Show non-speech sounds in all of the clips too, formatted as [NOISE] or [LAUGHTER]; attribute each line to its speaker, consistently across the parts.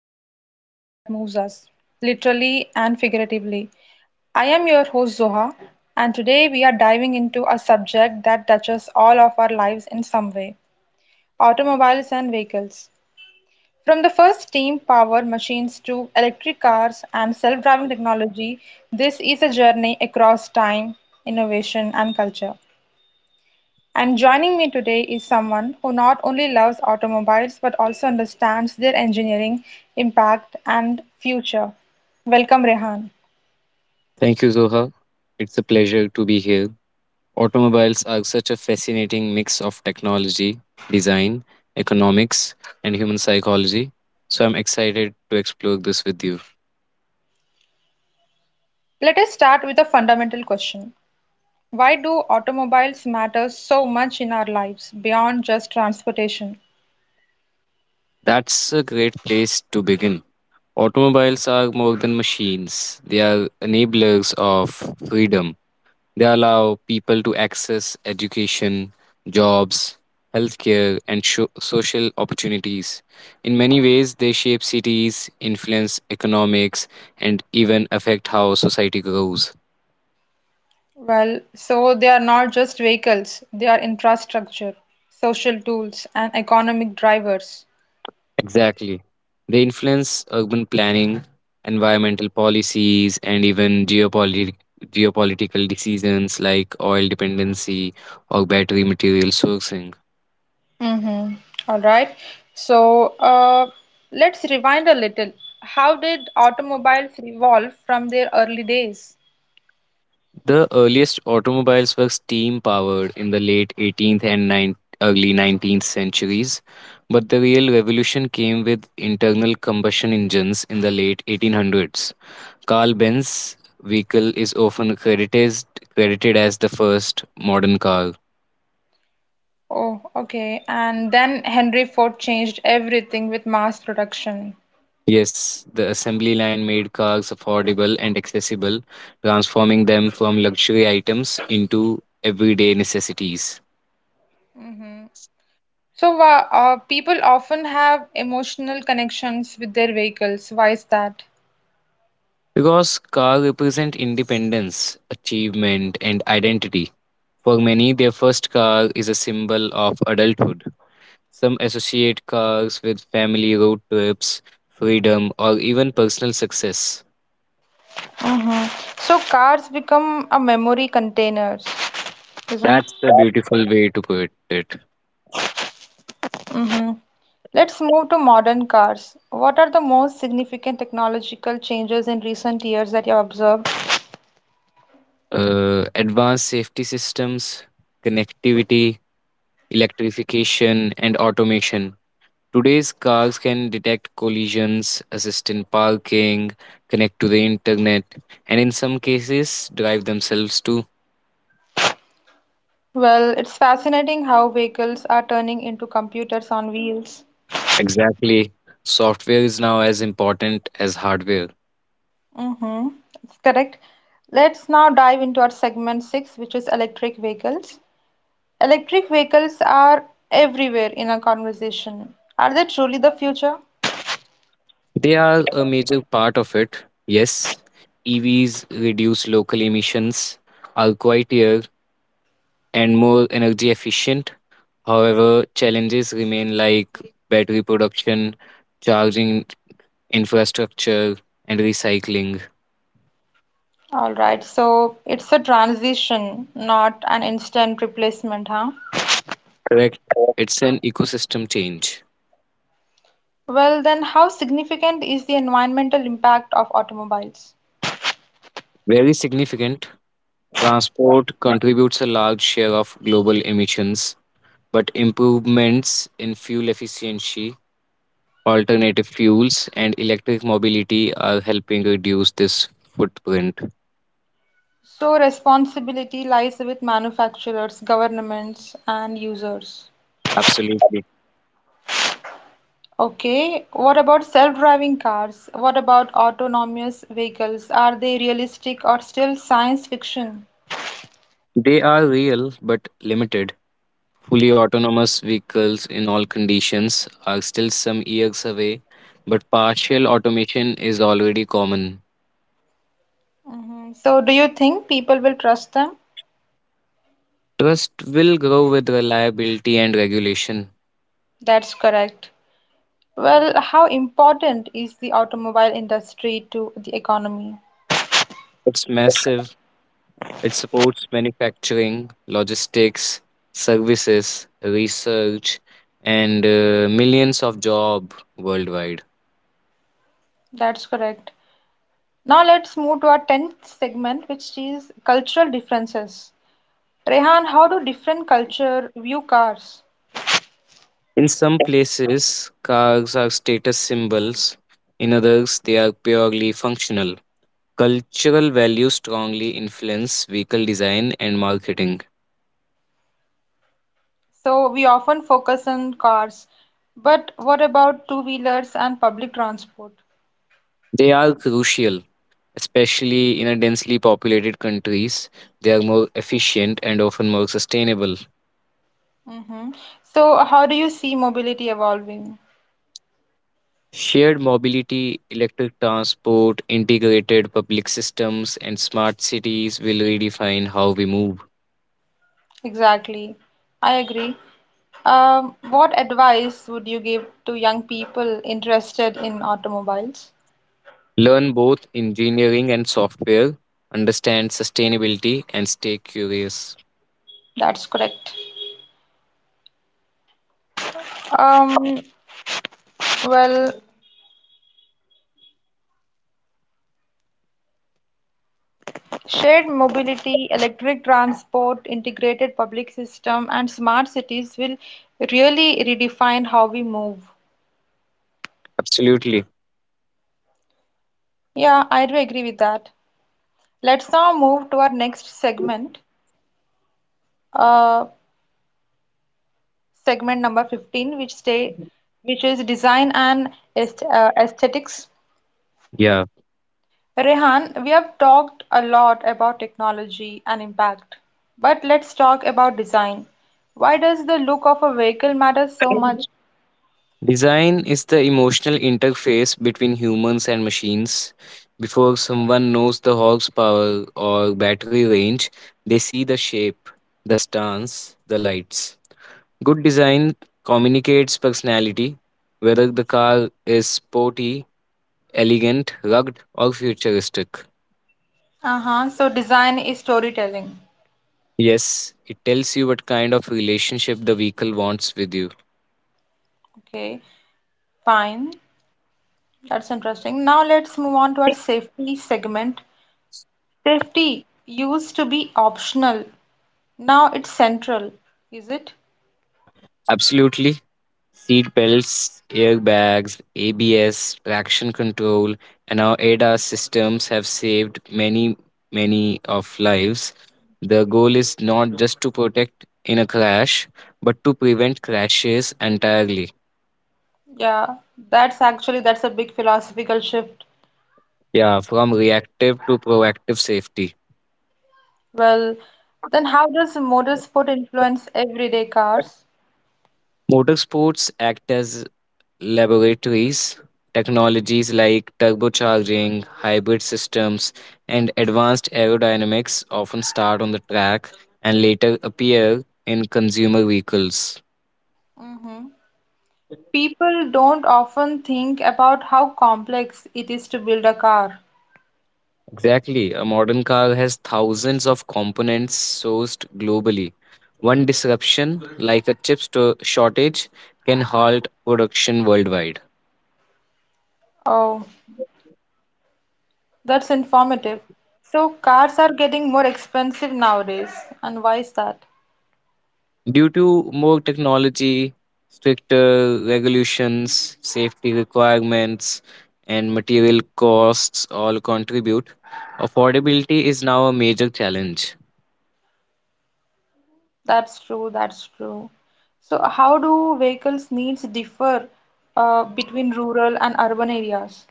Speaker 1: about everything that moves us, literally and figuratively. I am your host, Zoha, and today we are diving into a subject that touches all of our lives in some way: automobiles and vehicles. From the first steam powered machines to electric cars and self driving technology, this is a journey across time, innovation, and culture. And joining me today is someone who not only loves automobiles but also understands their engineering, impact, and future. Welcome, Rehan.
Speaker 2: Thank you, Zoha. It's a pleasure to be here. Automobiles are such a fascinating mix of technology, design, economics, and human psychology. So I'm excited to explore this with you.
Speaker 1: Let us start with a fundamental question. Why do automobiles matter so much in our lives beyond just transportation?
Speaker 2: That's a great place to begin. Automobiles are more than machines, they are enablers of freedom. They allow people to access education, jobs, healthcare, and social opportunities. In many ways, they shape cities, influence economics, and even affect how society grows.
Speaker 1: Well, so they are not just vehicles, they are infrastructure, social tools, and economic drivers.
Speaker 2: Exactly. They influence urban planning, environmental policies, and even geopolitical. Geopolitical decisions like oil dependency or battery material sourcing.
Speaker 1: Mm-hmm. All right. So let's rewind a little. How did automobiles evolve from their early days?
Speaker 2: The earliest automobiles were steam powered in the late 18th early 19th centuries, but the real revolution came with internal combustion engines in the late 1800s. Carl Benz's vehicle is often credited as the first modern car.
Speaker 1: Oh, okay. And then Henry Ford changed everything with mass production.
Speaker 2: Yes, the assembly line made cars affordable and accessible, transforming them from luxury items into everyday necessities.
Speaker 1: Mm-hmm. So people often have emotional connections with their vehicles. Why is that?
Speaker 2: Because car represent independence, achievement, and identity. For many, their first car is a symbol of adulthood. Some associate cars with family road trips, freedom, or even personal success.
Speaker 1: Mm-hmm. So cars become a memory containers, isn't?
Speaker 2: That's the beautiful way to put it.
Speaker 1: hmm Let's move to modern cars. What are the most significant technological changes in recent years that you have observed?
Speaker 2: Advanced safety systems, connectivity, electrification, and automation. Today's cars can detect collisions, assist in parking, connect to the internet, and in some cases, drive themselves too.
Speaker 1: Well, it's fascinating how vehicles are turning into computers on wheels.
Speaker 2: Exactly. Software is now as important as hardware.
Speaker 1: Mm-hmm. That's correct. Let's now dive into our segment six, which is electric vehicles. Electric vehicles are everywhere in our conversation. Are they truly the future?
Speaker 2: They are a major part of it. Yes, EVs reduce local emissions, are quieter, and more energy efficient. However, challenges remain like battery production, charging infrastructure, and recycling.
Speaker 1: All right, so it's a transition, not an instant replacement, huh?
Speaker 2: Correct. It's an ecosystem change.
Speaker 1: Well, then, how significant is the environmental impact of automobiles?
Speaker 2: Very significant. Transport contributes a large share of global emissions, but improvements in fuel efficiency, alternative fuels, and electric mobility are helping reduce this footprint.
Speaker 1: So, responsibility lies with manufacturers, governments, and users.
Speaker 2: Absolutely.
Speaker 1: Okay, what about self-driving cars? What about autonomous vehicles? Are they realistic or still science fiction?
Speaker 2: They are real but limited. Fully autonomous vehicles in all conditions are still some years away, but partial automation is already common.
Speaker 1: Mhm. So, do you think people will trust them?
Speaker 2: Trust will grow with reliability and regulation.
Speaker 1: That's correct. Well, how important is the automobile industry to the economy?
Speaker 2: It's massive. It supports manufacturing, logistics, services, research, and millions of jobs worldwide.
Speaker 1: That's correct. Now let's move to our 10th segment, which is cultural differences. Rehan, how do different cultures view cars?
Speaker 2: In some places, cars are status symbols. In others, they are purely functional. Cultural values strongly influence vehicle design and marketing.
Speaker 1: So we often focus on cars, but what about two-wheelers and public transport?
Speaker 2: They are crucial especially in a densely populated countries. They are more efficient and often more sustainable.
Speaker 1: hmm So how do you see mobility evolving?
Speaker 2: Shared mobility, electric transport, integrated public systems, and smart cities will redefine how we move.
Speaker 1: Exactly. I agree. What advice would you give to young people interested in automobiles?
Speaker 2: Learn both engineering and software, understand sustainability, and stay curious.
Speaker 1: That's correct. Um, well, Shared mobility, electric transport, integrated public system, and smart cities will really redefine how we move.
Speaker 2: Absolutely.
Speaker 1: Yeah, I do agree with that. Let's now move to our next segment, uh, segment number 15, which is design and aesthetics.
Speaker 2: Yeah.
Speaker 1: Rehan, we have talked a lot about technology and impact, but let's talk about design. Why does the look of a vehicle matter so much?
Speaker 2: Design is the emotional interface between humans and machines. Before someone knows the horsepower or battery range, they see the shape, the stance, the lights. Good design communicates personality, whether the car is sporty, elegant, rugged, or futuristic.
Speaker 1: Uh-huh. So design is storytelling.
Speaker 2: Yes, it tells you what kind of relationship the vehicle wants with you.
Speaker 1: Okay, fine. That's interesting. Now let's move on to our safety segment. Safety used to be optional. Now it's central, is it?
Speaker 2: Absolutely. Seat belts, airbags, ABS, traction control, and our ADAS systems have saved many, many of lives. The goal is not just to protect in a crash, but to prevent crashes entirely.
Speaker 1: Yeah, that's a big philosophical shift.
Speaker 2: Yeah, from reactive to proactive safety.
Speaker 1: Well, then how does motorsport influence everyday cars?
Speaker 2: Motorsports act as laboratories, technologies like turbocharging, hybrid systems, and advanced aerodynamics often start on the track and later appear in consumer vehicles.
Speaker 1: Mm-hmm. People don't often think about how complex it is to build a car.
Speaker 2: Exactly, a modern car has thousands of components sourced globally. One disruption, like a shortage, can halt production worldwide.
Speaker 1: Oh. That's informative. So cars are getting more expensive nowadays. And why is that?
Speaker 2: Due to more technology, stricter regulations, safety requirements, and material costs all contribute, affordability is now a major challenge.
Speaker 1: That's true, that's true. So how do vehicles needs differ between rural and urban areas?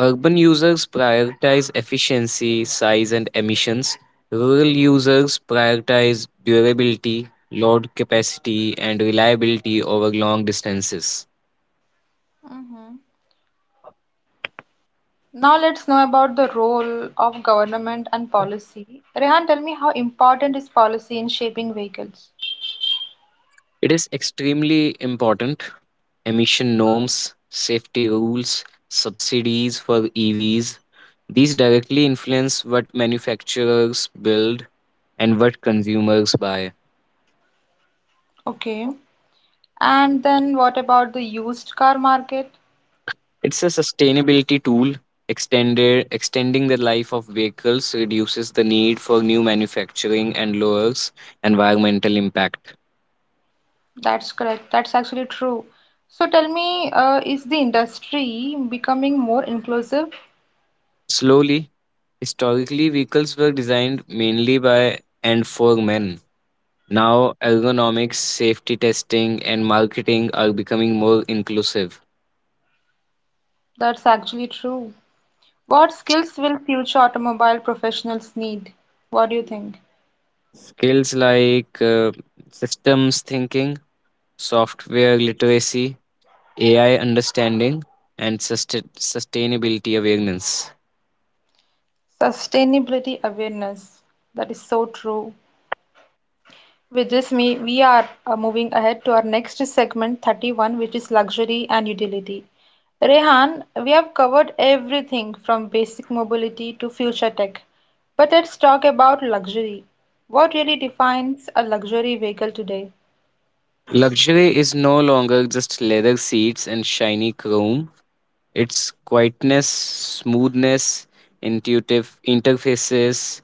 Speaker 2: Urban users prioritize efficiency, size, and emissions. Rural users prioritize durability, load capacity, and reliability over long distances.
Speaker 1: Mhm. Now let's know about the role of government and policy. Rehan, tell me how important is policy in shaping vehicles?
Speaker 2: It is extremely important. Emission norms, safety rules, subsidies for EVs, these directly influence what manufacturers build and what consumers buy.
Speaker 1: Okay. And then what about the used car market?
Speaker 2: It's a sustainability tool. Extending the life of vehicles reduces the need for new manufacturing and lowers environmental impact.
Speaker 1: That's correct. That's actually true. So tell me, is the industry becoming more inclusive?
Speaker 2: Slowly, historically, vehicles were designed mainly by and for men. Now, ergonomics, safety testing, and marketing are becoming more inclusive.
Speaker 1: That's actually true. What skills will future automobile professionals need? What do you think?
Speaker 2: Skills like systems thinking, software literacy, AI understanding, and sustainability awareness.
Speaker 1: Sustainability awareness. That is so true. With this, we are moving ahead to our next segment 31, which is luxury and utility. Rehan, we have covered everything from basic mobility to future tech, but let's talk about luxury. What really defines a luxury vehicle today?
Speaker 2: Luxury is no longer just leather seats and shiny chrome, it's quietness, smoothness, intuitive interfaces,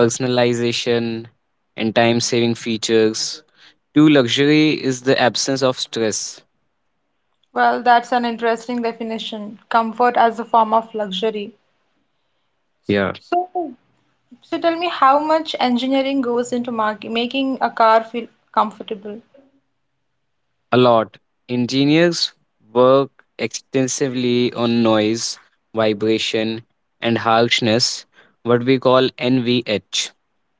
Speaker 2: personalization, and time saving features. True luxury is the absence of stress.
Speaker 1: Well, that's an interesting definition: comfort as a form of luxury.
Speaker 2: Yeah.
Speaker 1: So, so, tell me how much engineering goes into mark making a car feel comfortable?
Speaker 2: A lot. Engineers work extensively on noise, vibration, and harshness, what we call NVH.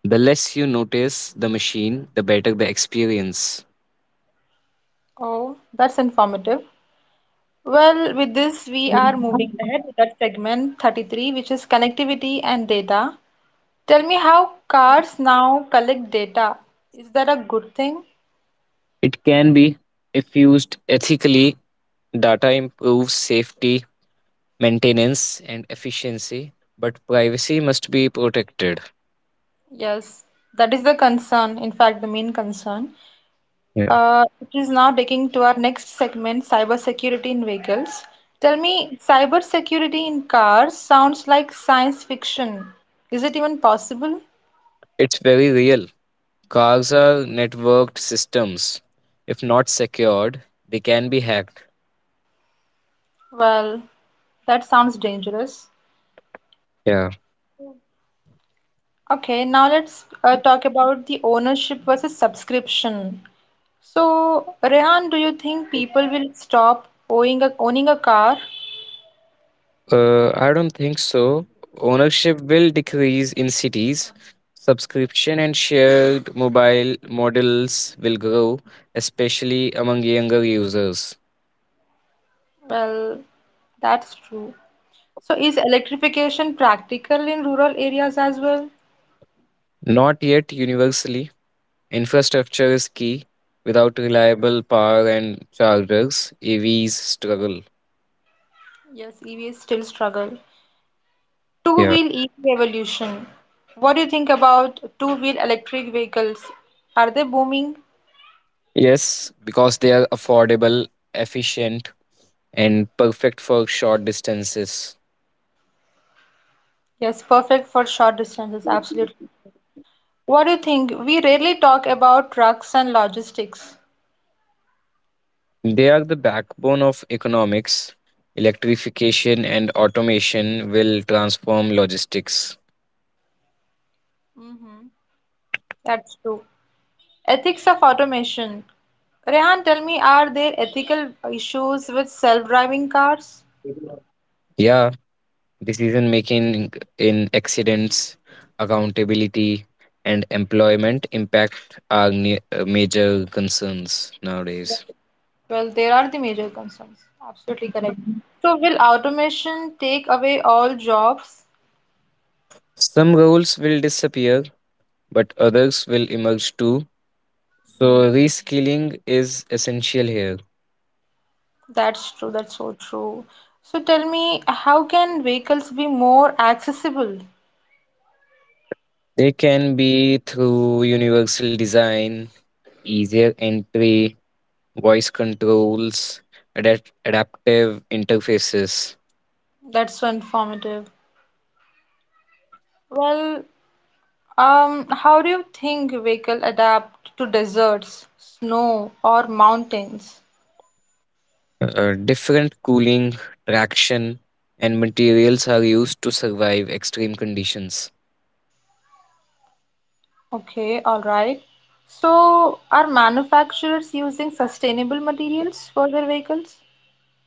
Speaker 2: The less you notice the machine, the better the experience.
Speaker 1: Oh, that's informative. Well, with this, we are moving ahead with that segment 33, which is connectivity and data. Tell me how cars now collect data. Is that a good thing?
Speaker 2: It can be, if used ethically, data improves safety, maintenance, and efficiency, but privacy must be protected.
Speaker 1: Yes, that is the concern. In fact, the main concern.
Speaker 2: Yeah.
Speaker 1: It is now taking to our next segment, cybersecurity in vehicles. Tell me, cybersecurity in cars sounds like science fiction. Is it even possible?
Speaker 2: It's very real. Cars are networked systems. If not secured, they can be hacked.
Speaker 1: Well, that sounds dangerous.
Speaker 2: Yeah.
Speaker 1: Okay, now let's talk about the ownership versus subscription. So, Rehan, do you think people will stop owning a car?
Speaker 2: I don't think so. Ownership will decrease in cities. Subscription and shared mobile models will grow, especially among younger users.
Speaker 1: Well, that's true. So, is electrification practical in rural areas as well?
Speaker 2: Not yet universally. Infrastructure is key. Without reliable power and chargers, AVs struggle.
Speaker 1: Yes, EVs still struggle.
Speaker 2: Yeah.
Speaker 1: Two-wheel EV evolution. What do you think about two-wheel electric vehicles? Are they booming?
Speaker 2: Yes, because they are affordable, efficient, and perfect for short distances.
Speaker 1: Yes, perfect for short distances, absolutely. What do you think? We rarely talk about trucks and logistics.
Speaker 2: They are the backbone of economics. Electrification and automation will transform logistics.
Speaker 1: hmm That's true. Ethics of automation. Rehan, tell me, are there ethical issues with self-driving cars?
Speaker 2: Yeah, decision making in accidents, accountability, and employment impact are major concerns nowadays.
Speaker 1: Well, there are the major concerns. Absolutely correct. So, will automation take away all jobs?
Speaker 2: Some roles will disappear, but others will emerge too. So, reskilling is essential here.
Speaker 1: That's true. That's so true. So, tell me, how can vehicles be more accessible?
Speaker 2: They can be through universal design, easier entry, voice controls, adaptive interfaces.
Speaker 1: That's so informative. Well, how do you think vehicle adapt to deserts, snow, or mountains?
Speaker 2: Different cooling, traction, and materials are used to survive extreme conditions.
Speaker 1: Okay, all right. So, are manufacturers using sustainable materials for their vehicles?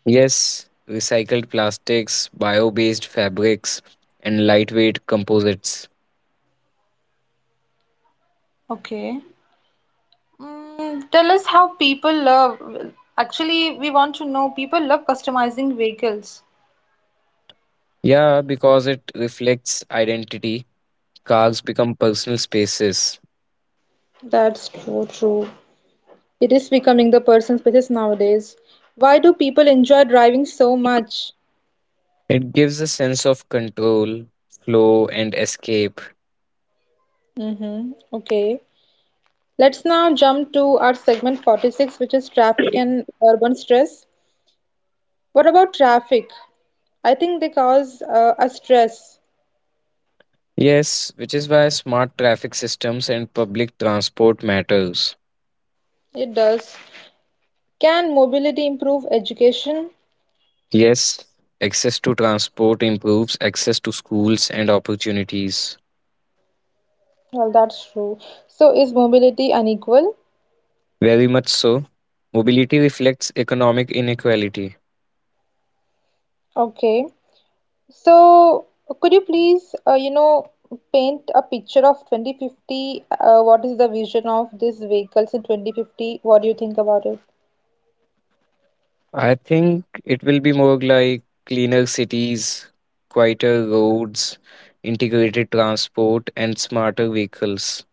Speaker 2: Yes, recycled plastics, bio based fabrics, and lightweight composites.
Speaker 1: Okay. Mm, tell us how people love. Actually, we want to know people love customizing vehicles.
Speaker 2: Yeah, because it reflects identity, cars become personal spaces.
Speaker 1: That's true, true. It is becoming the person's business nowadays. Why do people enjoy driving so much?
Speaker 2: It gives a sense of control, flow, and escape.
Speaker 1: Mm-hmm. Okay. Let's now jump to our segment 46, which is traffic and urban stress. What about traffic? I think they cause a stress.
Speaker 2: Yes, which is why smart traffic systems and public transport matters.
Speaker 1: It does. Can mobility improve education?
Speaker 2: Yes, access to transport improves access to schools and opportunities.
Speaker 1: Well, that's true. So, is mobility unequal?
Speaker 2: Very much so. Mobility reflects economic inequality.
Speaker 1: Okay. So, could you please, paint a picture of 2050? What is the vision of these vehicles in 2050? What do you think about it?
Speaker 2: I think it will be more like cleaner cities, quieter roads, integrated transport, and smarter vehicles.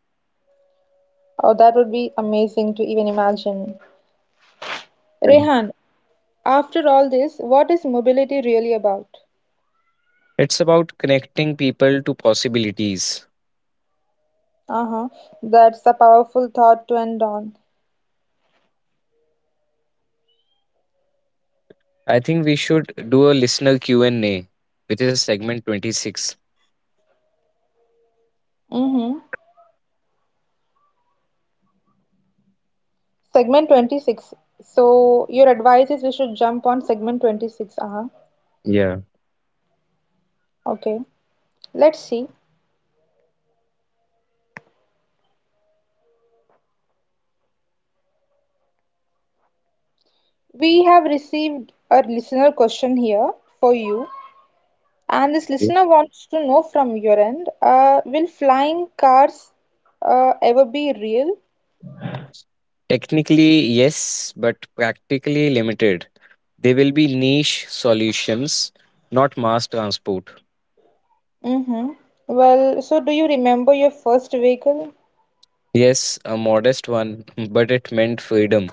Speaker 1: Oh, that would be amazing to even imagine. Rehan, after all this, what is mobility really about?
Speaker 2: It's about connecting people to possibilities.
Speaker 1: Uh-huh. That's a powerful thought to end on.
Speaker 2: I think we should do a listener Q&A, which is segment 26.
Speaker 1: Mm-hmm. Segment 26. So your advice is we should jump on segment 26. Uh-huh.
Speaker 2: Yeah.
Speaker 1: Okay. Let's see. We have received a listener question here for you, and this listener wants to know from your end, will flying cars ever be real?
Speaker 2: Technically, yes, but practically limited. They will be niche solutions, not mass transport.
Speaker 1: Mm-hmm. Well, so do you remember your first vehicle?
Speaker 2: Yes, a modest one, [LAUGHS] but it meant freedom.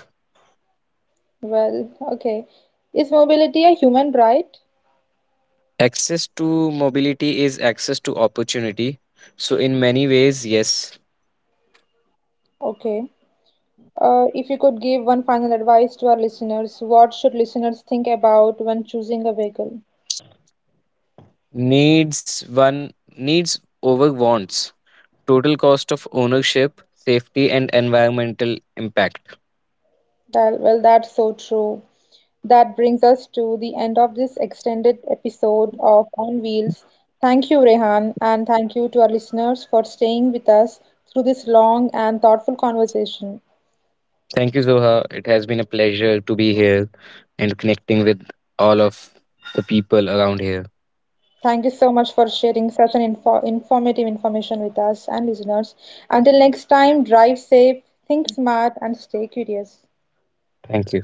Speaker 1: Well, okay. Is mobility a human right?
Speaker 2: Access to mobility is access to opportunity. So, in many ways, yes.
Speaker 1: Okay. If you could give one final advice to our listeners, what should listeners think about when choosing a vehicle?
Speaker 2: Needs. One needs over wants. Total cost of ownership, safety, and environmental impact.
Speaker 1: Well, that's so true. That brings us to the end of this extended episode of On Wheels. Thank you, Rehan, and thank you to our listeners for staying with us through this long and thoughtful conversation.
Speaker 2: Thank you, Zoha. It has been a pleasure to be here and connecting with all of the people around here.
Speaker 1: Thank you so much for sharing such an informative information with us and listeners. Until next time, drive safe, think smart, and stay curious.
Speaker 2: Thank you.